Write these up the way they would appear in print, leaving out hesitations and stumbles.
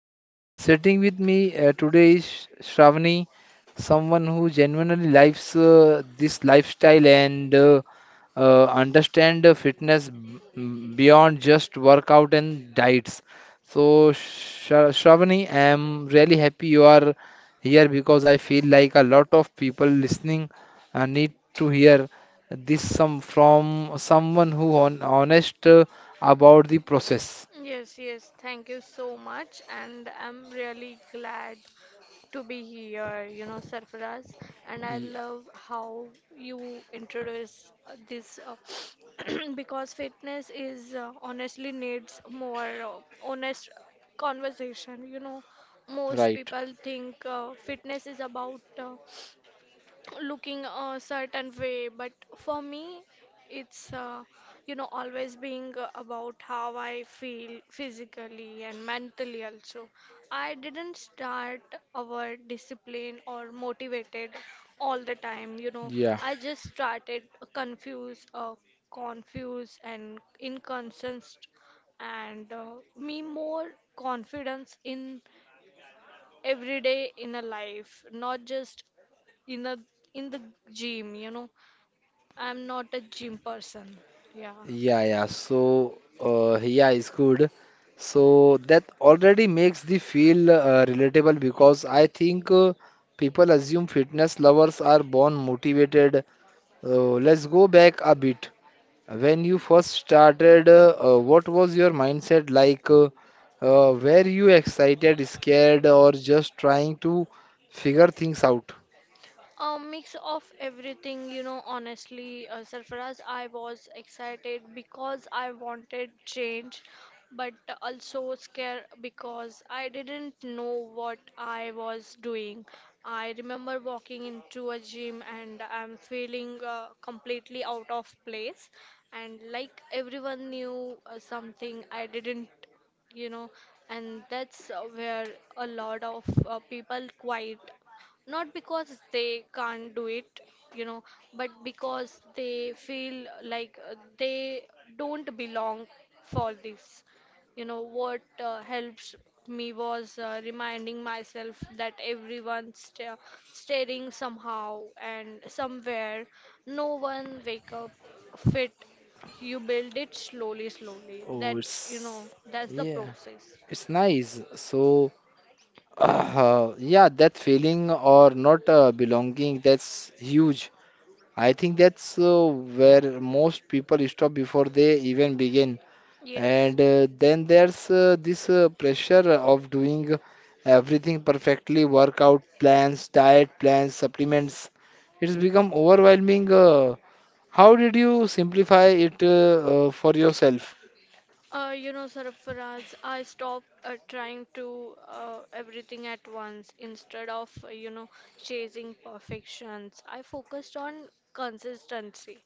it. Sitting with me today is Shravani. Someone who genuinely lives this lifestyle and understand fitness beyond just workout and diets. So, Shravani, I'm really happy you are here because I feel like a lot of people listening need to hear this some from someone who on honest about the process. Yes, yes, thank you so much, and I'm really glad to be here, you know, Sarfaraz. And I Yeah, love how you introduce this because fitness is honestly needs more honest conversation. You know, most right. people think fitness is about looking a certain way, but for me it's you know always being about how I feel physically and mentally. Also, I didn't start our discipline or motivated all the time, you know. Yeah. I just started confused confused and inconsistent, and me more confidence in everyday in a life, not just in the in the gym, you know. I'm not a gym person. Yeah. Yeah, yeah. So, yeah, it's good. So that already makes the feel relatable because I think people assume fitness lovers are born motivated. Let's go back a bit. When you first started, what was your mindset like? Were you excited, scared, or just trying to figure things out? A mix of everything, you know, honestly, Sarfaraz, I was excited because I wanted change, but also scared because I didn't know what I was doing. I remember walking into a gym and I'm feeling completely out of place, and like everyone knew something I didn't, you know. And that's where a lot of people quite. Not because they can't do it, you know, but because they feel like they don't belong for this. You know, what helps me was reminding myself that everyone's staring somehow and somewhere. No one wake up fit. You build it slowly, slowly. Oh, it's That's, you know, that's the yeah, process. it's nice. So. Yeah, that feeling or not belonging, that's huge. I think that's where most people stop before they even begin. Yes. And then there's this pressure of doing everything perfectly, workout plans, diet plans, supplements. It's become overwhelming. How did you simplify it for yourself? You know, Sarfaraz, I stopped trying to everything at once. Instead of, you know, chasing perfections, I focused on consistency.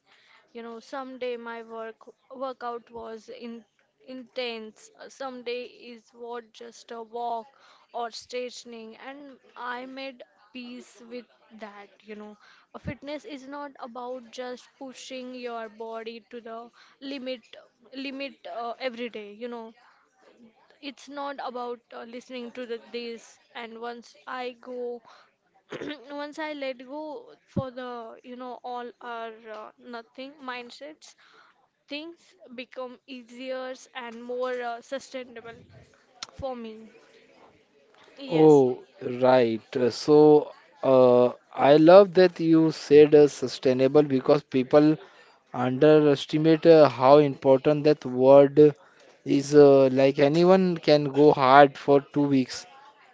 You know, someday my workout was in intense. Someday is what just a walk or stretching, and I made peace with that. You know, a fitness is not about just pushing your body to the limit, limit every day. You know, it's not about listening to the this. And once I go once I let go for the, you know, all or nothing mindsets, things become easier and more sustainable for me. Yes, Oh, right. So, I love that you said sustainable because people underestimate how important that word is. Like anyone can go hard for 2 weeks,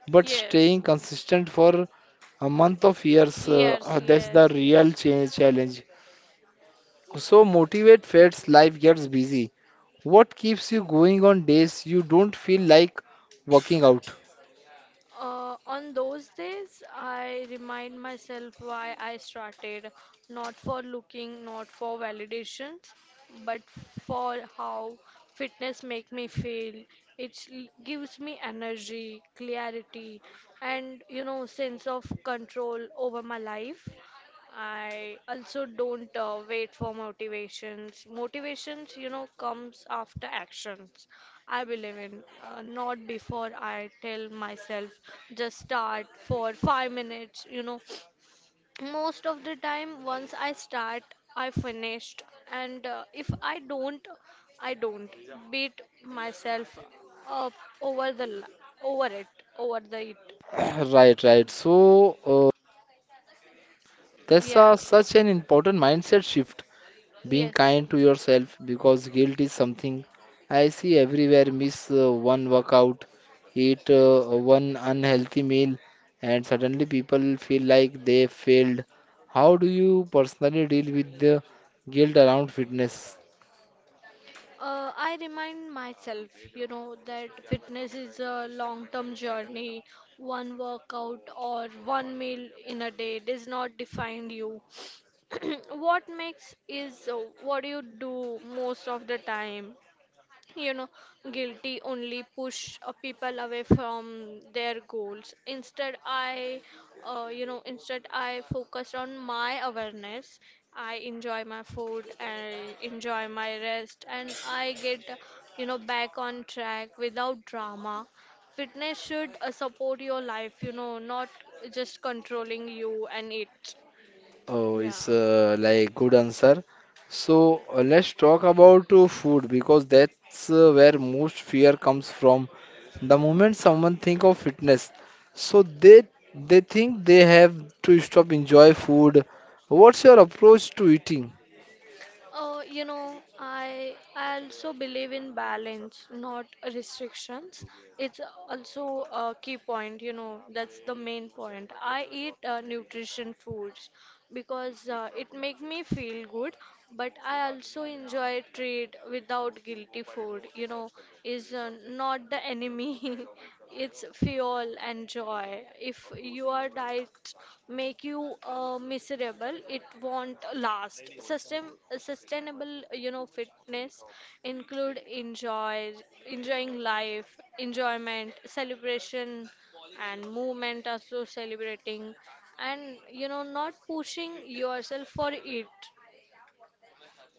but yes, staying consistent for a month of years, yes, that's the yes, real yes. change challenge. So, motivate fades, life gets busy. What keeps you going on days you don't feel like working out? On those days, I remind myself why I started, not for looking, not for validations, but for how fitness make me feel. It gives me energy, clarity, and you know, sense of control over my life. I also don't wait for motivations. Motivations, you know, comes after actions. I believe in not before I tell myself just start for 5 minutes. You know, most of the time, once I start, I finished, and if I don't, I don't beat myself up over the l- over it over the it. Right, right. So, that's Yeah, a, such an important mindset shift, being yes. kind to yourself because guilt is something I see everywhere. Miss one workout, eat one unhealthy meal, and suddenly people feel like they failed. How do you personally deal with the guilt around fitness? I remind myself, you know, that fitness is a long term journey. One workout or one meal in a day does not define you. What makes is what you do most of the time, you know. Guilty only push people away from their goals. Instead I You know, instead I focused on my awareness. I enjoy my food and enjoy my rest, and I get, you know, back on track without drama. Fitness should support your life, you know, not just controlling you and it. Oh, it's Yeah. Like good answer. So let's talk about food because that's where most fear comes from. The moment someone think of fitness, so they think they have to stop enjoy food. What's your approach to eating? You know, I also believe in balance, not restrictions. It's also a key point, you know, that's the main point. I eat nutrition foods because it makes me feel good, but I also enjoy treat without guilty. Food, you know, is not the enemy. It's fuel and joy. If your diet make you miserable, it won't last. Sustainable, you know, fitness include enjoying life, enjoyment, celebration, and movement. Also celebrating, and you know, not pushing yourself for it.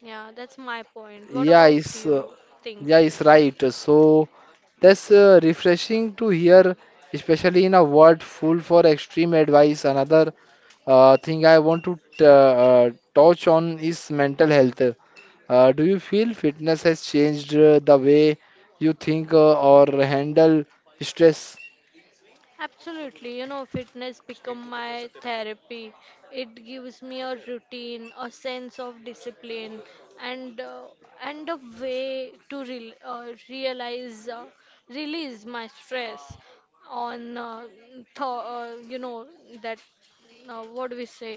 Yeah, that's my point. What Yeah, about is uh, you yeah, think? is right. So that's refreshing to hear, especially in a world full for extreme advice. Another thing I want to touch on is mental health. Do you feel fitness has changed the way you think or handle stress? Absolutely, you know, fitness become my therapy. It gives me a routine, a sense of discipline, and uh, and a way to realize release my stress on you know that what do we say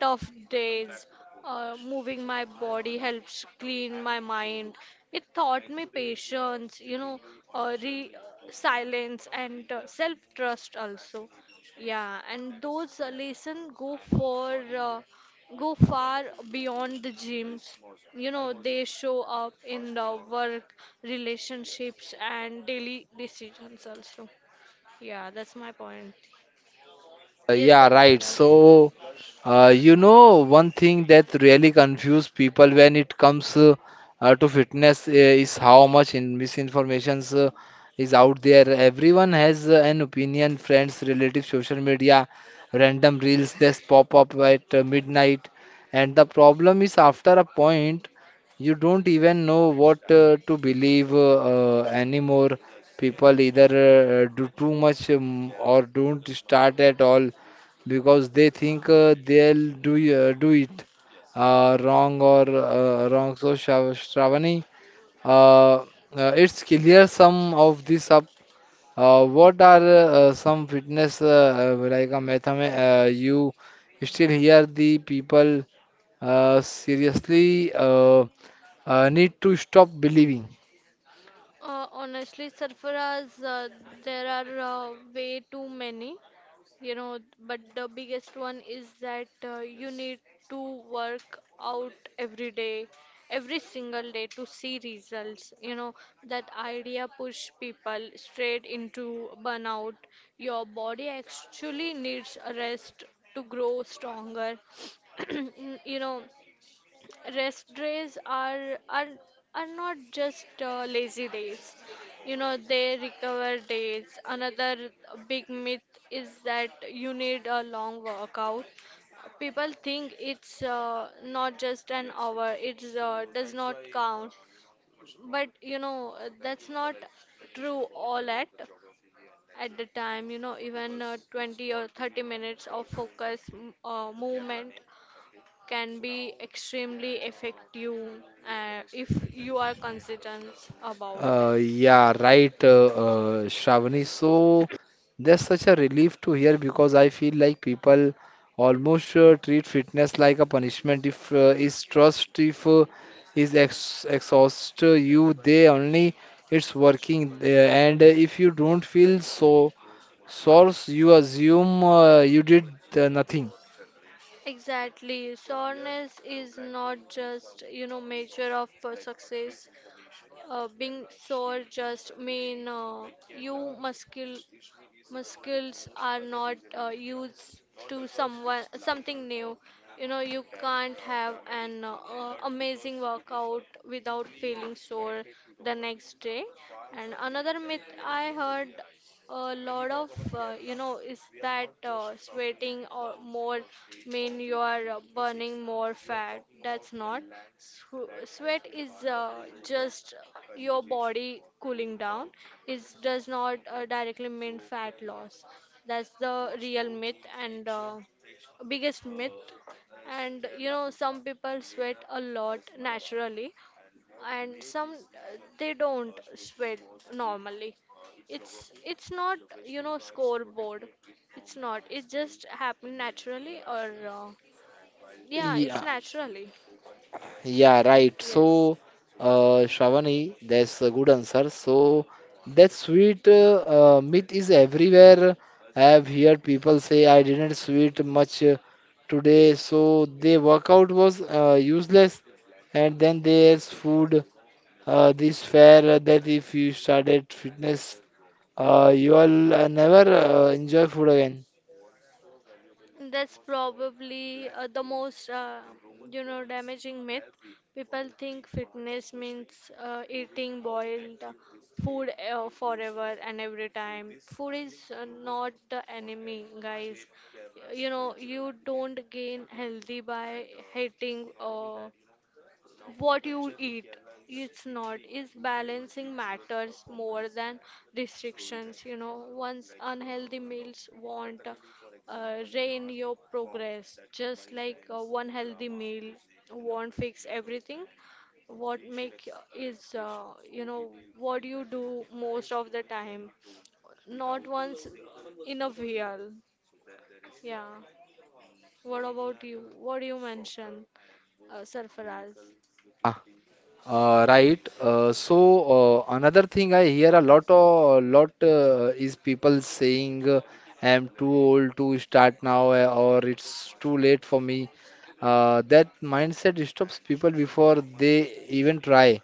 tough days, moving my body helps clean my mind. It taught me patience, you know, re silence and self-trust also. Yeah, and those lessons go far beyond the gyms. You know, they show up in the work, relationships, and daily decisions also. Yeah, that's my point. Yes, Yeah, sir, right. for us. So. You know, one thing that really confuses people when it comes to fitness is how much in misinformation is out there. Everyone has an opinion, friends, relatives, social media, random reels that pop up at midnight. And the problem is, after a point, you don't even know what to believe anymore. People either do too much or don't start at all because they think they'll do it wrong. So Shravani, uh, it's clear some of this up. What are some fitness like a mathema you still hear the people seriously need to stop believing. Honestly, Sarfaraz, there are way too many, you know, but the biggest one is that you need to work out every day, every single day to see results. You know, that idea push people straight into burnout. Your body actually needs a rest to grow stronger. You know, rest days are not just lazy days, you know, they recover days. Another big myth is that you need a long workout. People think it's not just an hour, it's does not count, but you know that's not true all at the time, you know. Even 20 or 30 minutes of focus movement can be extremely effective if you are consistent about that. Yeah, right, Shravani. So that's such a relief to hear because I feel like people almost treat fitness like a punishment. If is trust, if is ex exhaust you, they only it's working. And if you don't feel so source, you assume you did nothing. Exactly. Soreness is not just, you know, measure of success. Being sore just mean you muscles are not used to someone something new. You know, you can't have an amazing workout without feeling sore the next day. And another myth I heard a lot of you know is that sweating or more mean you are burning more fat, that's not. Sweat is just your body cooling down. It does not directly mean fat loss. That's the real myth and biggest myth. And you know some people sweat a lot naturally and some they don't sweat normally. It's not, you know, scoreboard. It's not, it just happened naturally or yeah it's Yeah, naturally. yeah, right. So, Yes, Shravani, that's a good answer. So, that sweet myth is everywhere. I have heard people say, I didn't sweet much today, so their workout was useless. And then there's food, this fare that if you started fitness, you'll never enjoy food again. that's probably the most you know damaging myth. People think fitness means eating boiled food forever and every time. Food is not the enemy, guys. You know, you don't gain healthy by hating what you eat. It's not. It's balancing matters more than restrictions, you know. Once unhealthy meals won't rein your progress, just like one healthy meal won't fix everything. What make is you know, what you do most of the time, not once in a while. Yeah. What about you? What do you mention, Sarfaraz? Right. So another thing I hear a lot, is people saying, "I am too old to start now," or "It's too late for me." That mindset stops people before they even try.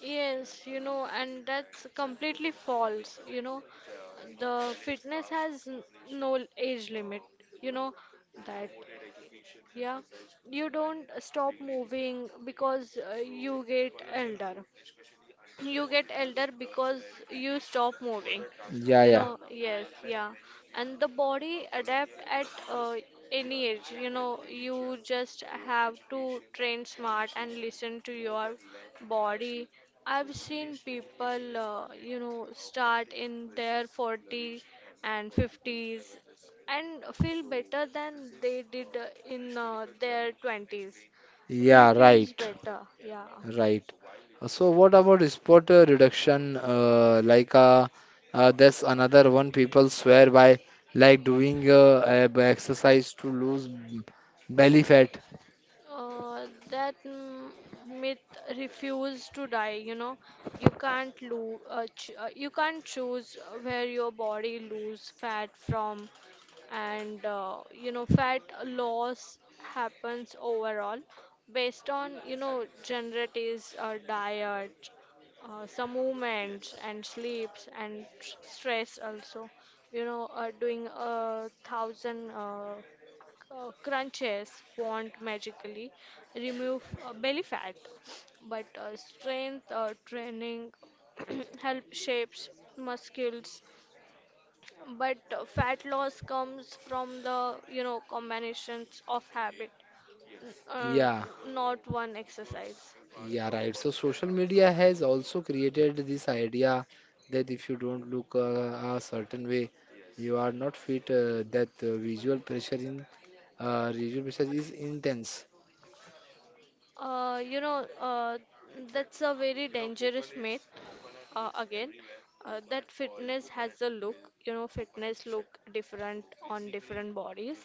Yes, you know, and that's completely false. You know, the fitness has no age limit. You know that. Yeah, you don't stop moving because you get elder. You get elder because you stop moving, Yeah, you yeah, know. Yes, yeah. And the body adapt at any age, you know. You just have to train smart and listen to your body. I've seen people you know start in their 40 and 50s and feel better than they did in their 20s. He yeah. feels Right, better, yeah. right. So what about spot reduction? That's another one people swear by, like doing exercise to lose belly fat. That myth refuse to die, you know. You can't lose, ch you can't choose where your body lose fat from, and you know, fat loss happens overall based on, you know, genetics, diet, some movements and sleeps and stress also. You know, doing a thousand crunches won't magically remove belly fat, but strength training help shapes muscles. But fat loss comes from the you know combinations of habit, uh, Yeah, not one exercise. yeah, right. So social media has also created this idea that if you don't look a certain way, you are not fit. That visual pressure in Visual pressure is intense. You know, that's a very dangerous myth again. Uh, that fitness has a look, you know, fitness look different on different bodies.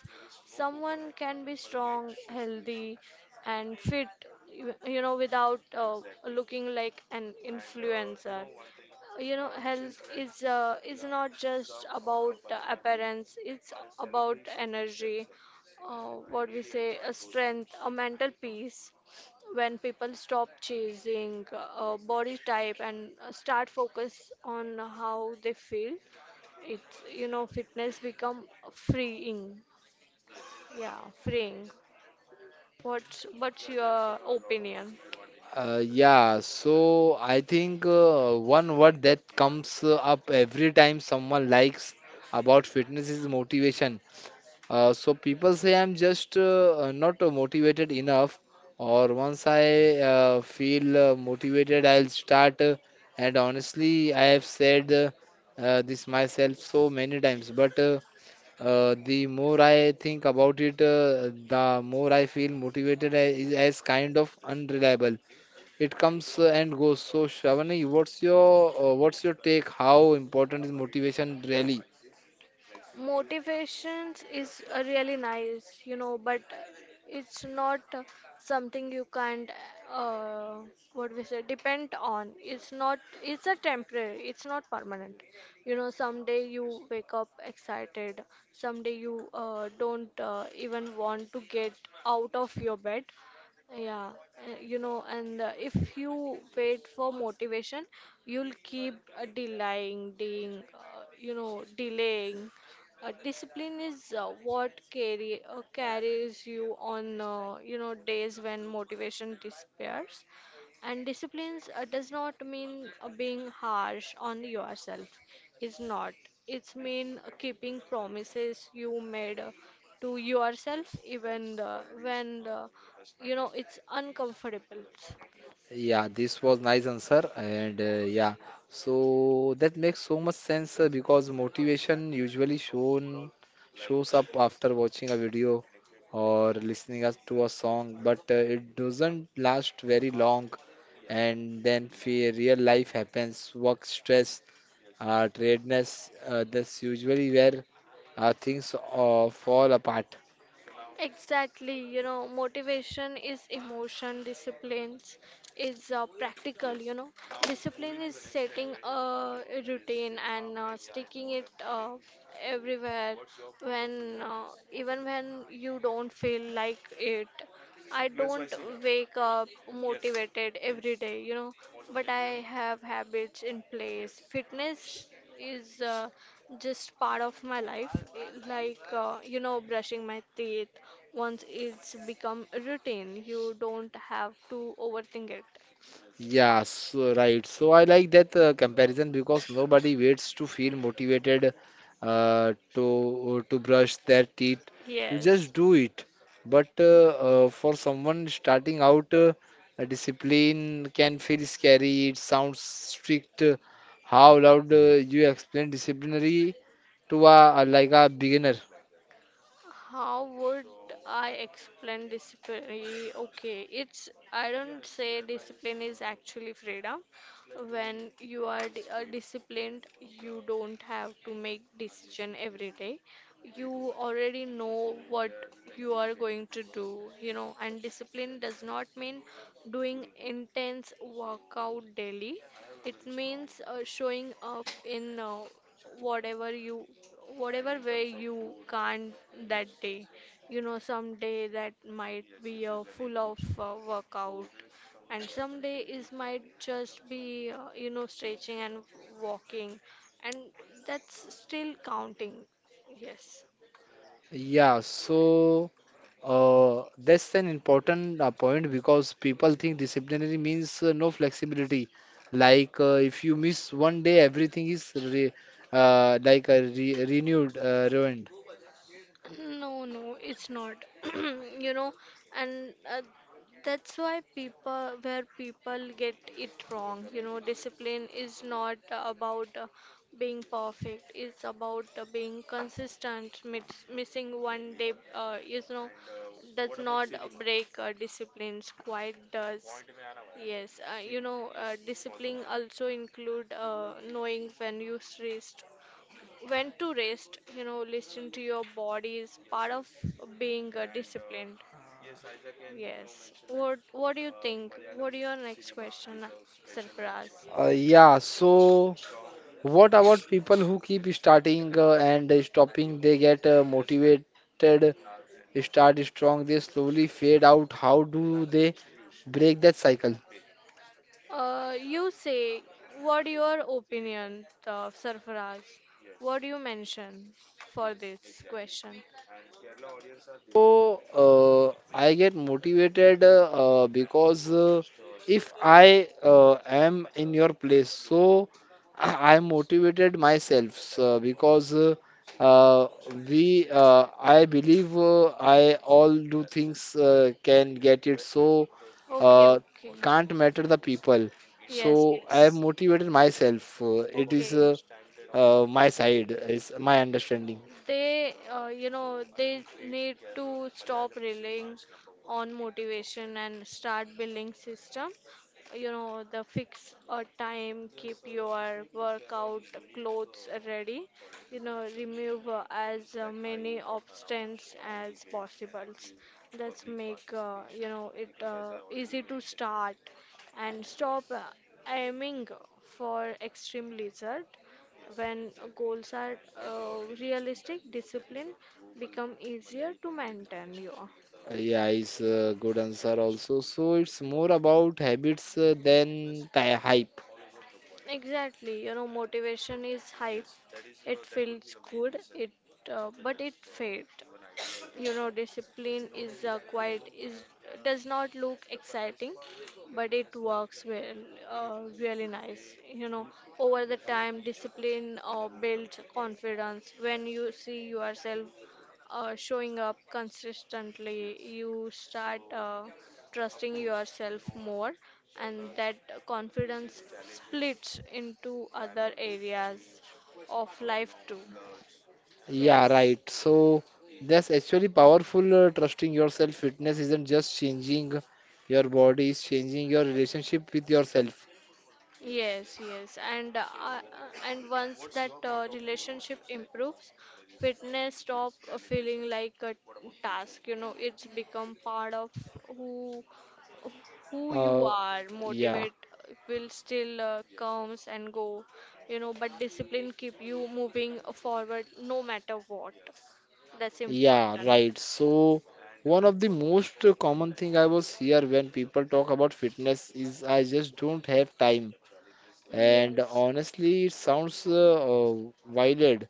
Someone can be strong healthy and fit, you know, without looking like an influencer. You know, health is not just about appearance, it's about energy, what we say, a strength, a mental peace. When people stop chasing body type and start focus on how they feel, it's you know fitness become freeing. Yeah, freeing. What's your opinion? Yeah, so I think one word that comes up every time someone likes about fitness is motivation. So people say I'm just not motivated enough, or once I feel motivated, I'll start. And honestly, I have said this myself so many times, but the more I think about it, the more I feel motivated is as kind of unreliable. It comes and goes. So, Shravani, what's your take? How important is motivation really? Motivations is really nice, you know, but it's not something you can't, uh, what we say, depend on. It's not, it's a temporary, it's not permanent. You know, someday you wake up excited, someday you don't even want to get out of your bed. Yeah, you know, and if you wait for motivation, you'll keep delaying, delaying, you know, delaying. Discipline is what carry carries you on, you know, days when motivation disappears. And disciplines does not mean being harsh on yourself. It's not. It's mean keeping promises you made to yourself even when you know it's uncomfortable. Yeah, this was nice answer, and yeah, so that makes so much sense because motivation usually shown shows up after watching a video or listening us to a song, but it doesn't last very long, and then fear, real life happens, work stress, tiredness. That's usually where things fall apart. Exactly, you know, motivation is emotion, disciplines is practical, you know. Discipline is setting a routine and sticking it everywhere when even when you don't feel like it. I don't wake up motivated every day, but I have habits in place. Fitness is just part of my life, eh, like, brushing my teeth. Once it's become a routine, you don't have to overthink it. Yeah, so right. So I like that comparison because nobody waits to feel motivated to brush their teeth. You just yes do it. But for someone starting out, a discipline can feel scary. It sounds strict. How loud you explain disciplinary to a like a beginner? How would I explain discipline? Okay, it's, I don't say, discipline is actually freedom. When you are disciplined, you don't have to make decision every day. You already know what you are going to do, and discipline does not mean doing intense workout daily. It means showing up in whatever you whatever way you can't that day. Some day that might be a full of workout, and some day is might just be stretching and walking, and that's still counting. Yes Yeah, so that's an important point because people think disciplinary means no flexibility. Like if you miss one day, everything is re like re renewed, ruined. No, no, it's not. You know, and that's why where people get it wrong. You know, discipline is not about being perfect. It's about being consistent. Missing one day, is no, does not break disciplines. Quite does. Yes, discipline also include knowing when you rest, when to rest. You know, listen to your body is part of being disciplined. Yes. What do you think? What your next question, Sarfaraz? Yeah, so what about people who keep starting and stopping? They get motivated, start strong, they slowly fade out. How do they break that cycle? You say, what your opinion, Sarfaraz? What do you mention for this question? So, I get motivated because if I am in your place, so I motivated myself so because uh, we uh, I believe I all do things can get it. So Okay, uh, okay. can't matter the people. So Yes, I have yes. motivated myself. It is Okay. My side is my understanding. They need to stop relying on motivation and start building system. You know, the fix a time, keep your workout clothes ready. You know, remove as many obstacles as possible. That's make, it easy to start and stop. Aiming for extreme result when goals are realistic, discipline become easier to maintain, you are. Yeah, it's a good answer also. So it's more about habits than hype. Exactly, you know, motivation is hype. It feels good, it but it fades. You know, discipline is quite is does not look exciting, but it works well, really nice. You know, over the time, discipline builds confidence. When you see yourself showing up consistently, you start trusting yourself more, and that confidence splits into other areas of life too. Yeah, Yes. right. So that's actually powerful. Trusting yourself, fitness isn't just changing your body, it's changing your relationship with yourself. Yes, yes, and once that relationship improves, fitness stop feeling like a task. It's become part of who who you Uh, are. yeah, Motivate will still comes and go, but discipline keep you moving forward no matter what. That's yeah, important. right. So one of the most common thing I was here when people talk about fitness is I just don't have time. And honestly, it sounds wild.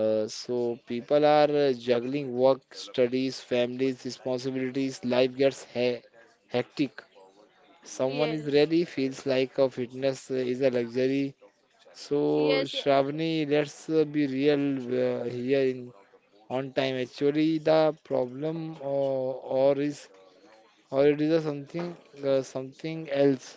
So people are juggling work, Yes studies, families, responsibilities. Life gets he hectic. Someone is Yes. really feels like a fitness is a luxury. So Yes, yeah. Shravani, let's be real here in on time. Actually, the problem or is or it is a something something else.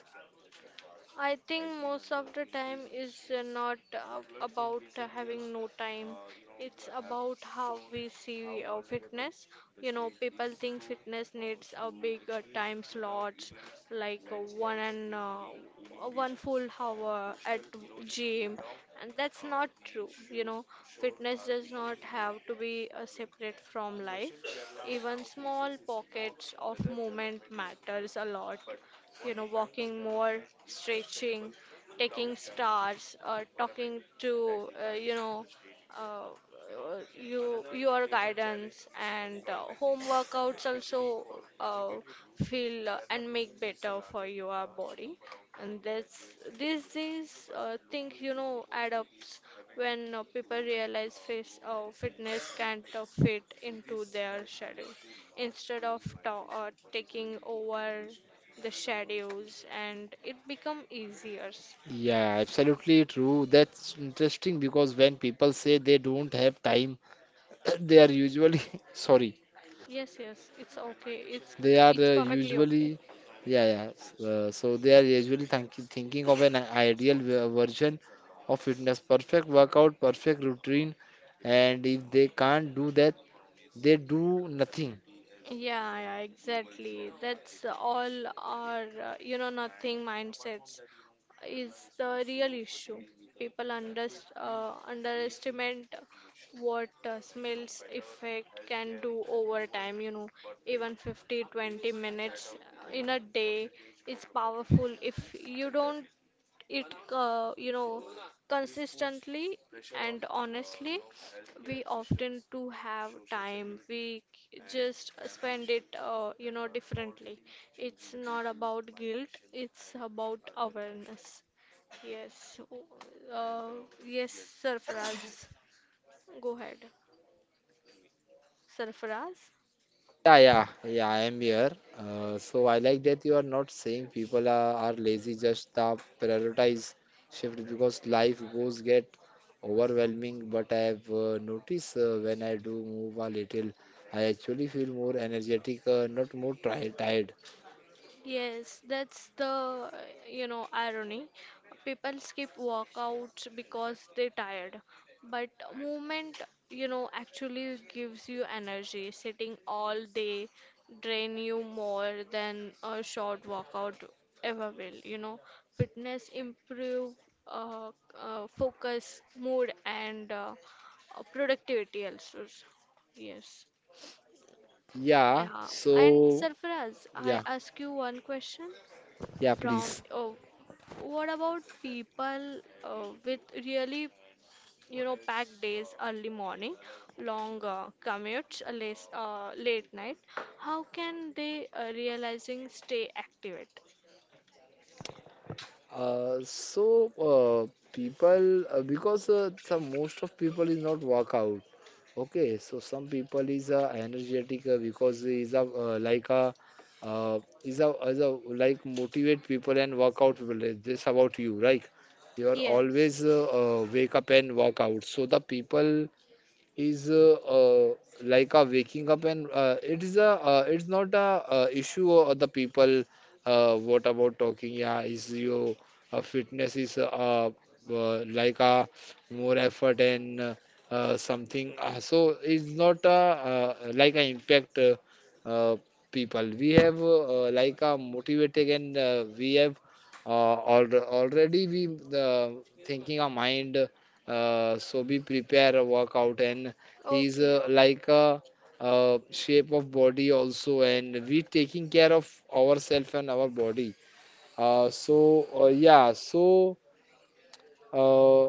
I think most of the time is not about having no time. It's about how we see fitness. You know, people think fitness needs a big time slots, like one and uh, one full hour at gym, and that's not true. You know, fitness does not have to be separate from life. Even small pockets of movement matters a lot. You know, walking more, stretching, taking stars, or talking to, uh, you your guidance, and home workouts also uh, feel and make better for your body. And that's, these things, you know, add ups. When people realize, fitness can't fit into their schedule instead of taking over the shadows, and it become easier. Yeah, absolutely true. That's interesting because when people say they don't have time, they are usually sorry. Yes, yes, it's okay. They are It's perfectly usually, okay. yeah, yeah. So they are usually think, thinking of an ideal version of fitness, perfect workout, perfect routine, and if they can't do that, they do nothing. Yeah, yeah, exactly. That's all our nothing mindsets is the real issue. People underestimate what smells effect can do over time. You know, even 50 20 minutes in a day is powerful if you don't it, consistently. And honestly, we often do have time. We just spend it differently. It's not about guilt, it's about awareness. Yes. Uh, yes, Sarfaraz, go ahead, Sarfaraz. Yeah, yeah, yeah, I am here. So I like that you are not saying people are lazy, just the prioritize shift because life goes get overwhelming. But I have noticed when I do move a little, I actually feel more energetic, not more tri tired. Yes, that's the, you know, irony. People skip workouts because they're tired. But movement, you know, actually gives you energy. Sitting all day drain you more than a short workout ever will, you know. Fitness improve uh, focus, mood, and productivity also. Yes. Yeah, Yeah. And so Sarfaraz, I yeah, ask you one question yeah, from, please. oh, what about people with really, you know, packed days? Early morning, long commutes, late night, how can they realizing stay activate? So uh, people because some most of people is not workout. Okay, so some people is energetic because is a uh, is a is a like motivate people and workout people. This about you, right? You are Yes. always wake up and work out. So the people is like a waking up and it is a it's not a issue of the people what about talking yeah is your fitness is like a more effort and something so it's not a, like an impact uh, people we have like a motivated and we have al already we uh, thinking our mind so we prepare a workout and he's Okay, okay. like a, shape of body also and we taking care of ourselves and our body. Yeah, so. Uh,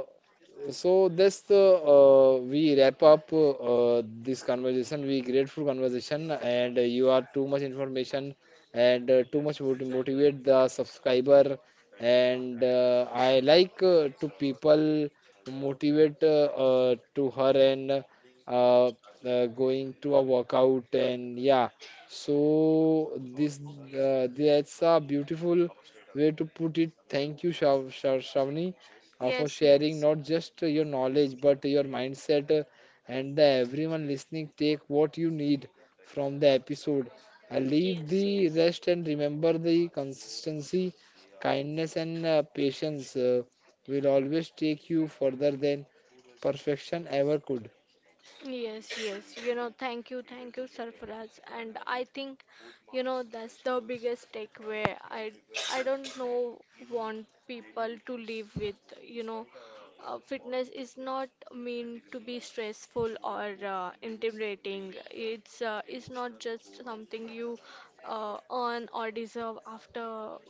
so that's the we wrap up this conversation. We grateful conversation, and you are too much information and too much motivate the subscriber. And I like to people motivate to her and uh, uh, going to a workout and yeah. So this that's a beautiful way to put it. Thank you, Shavni for Yes, sharing yes. not just your knowledge but your mindset. And everyone listening, take what you need from the episode. Leave Yes, the yes. rest and remember the consistency, kindness, and patience will always take you further than perfection ever could. Yes, yes. You know, thank you, Sarfaraz. And I think, you know, that's the biggest takeaway. I don't know want people to live with. You know, fitness is not mean to be stressful or intimidating. It's not just something you earn or deserve after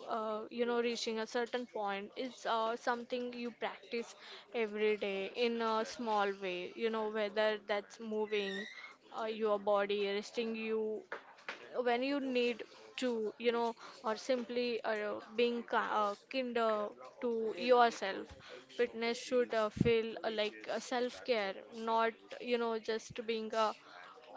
reaching a certain point. It's something you practice every day in a small way. You know, whether that's moving your body, resting you when you need to, you know, or simply being ki kinder to yourself. Fitness should feel like self care, not, you know, just being a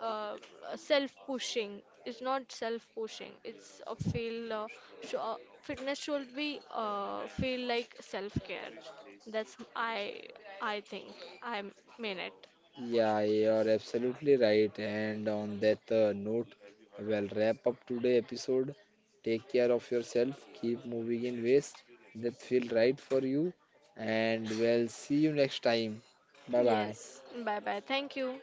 uh, self pushing. It's not self pushing, it's a feel sh- fitness should be feel like self care. That's I think I mean it. Yeah, you're absolutely right. And on that note, we'll wrap up today episode. Take care of yourself. Keep moving in ways that feel right for you. And we'll see you next time. Bye bye. Yes, bye bye, thank you.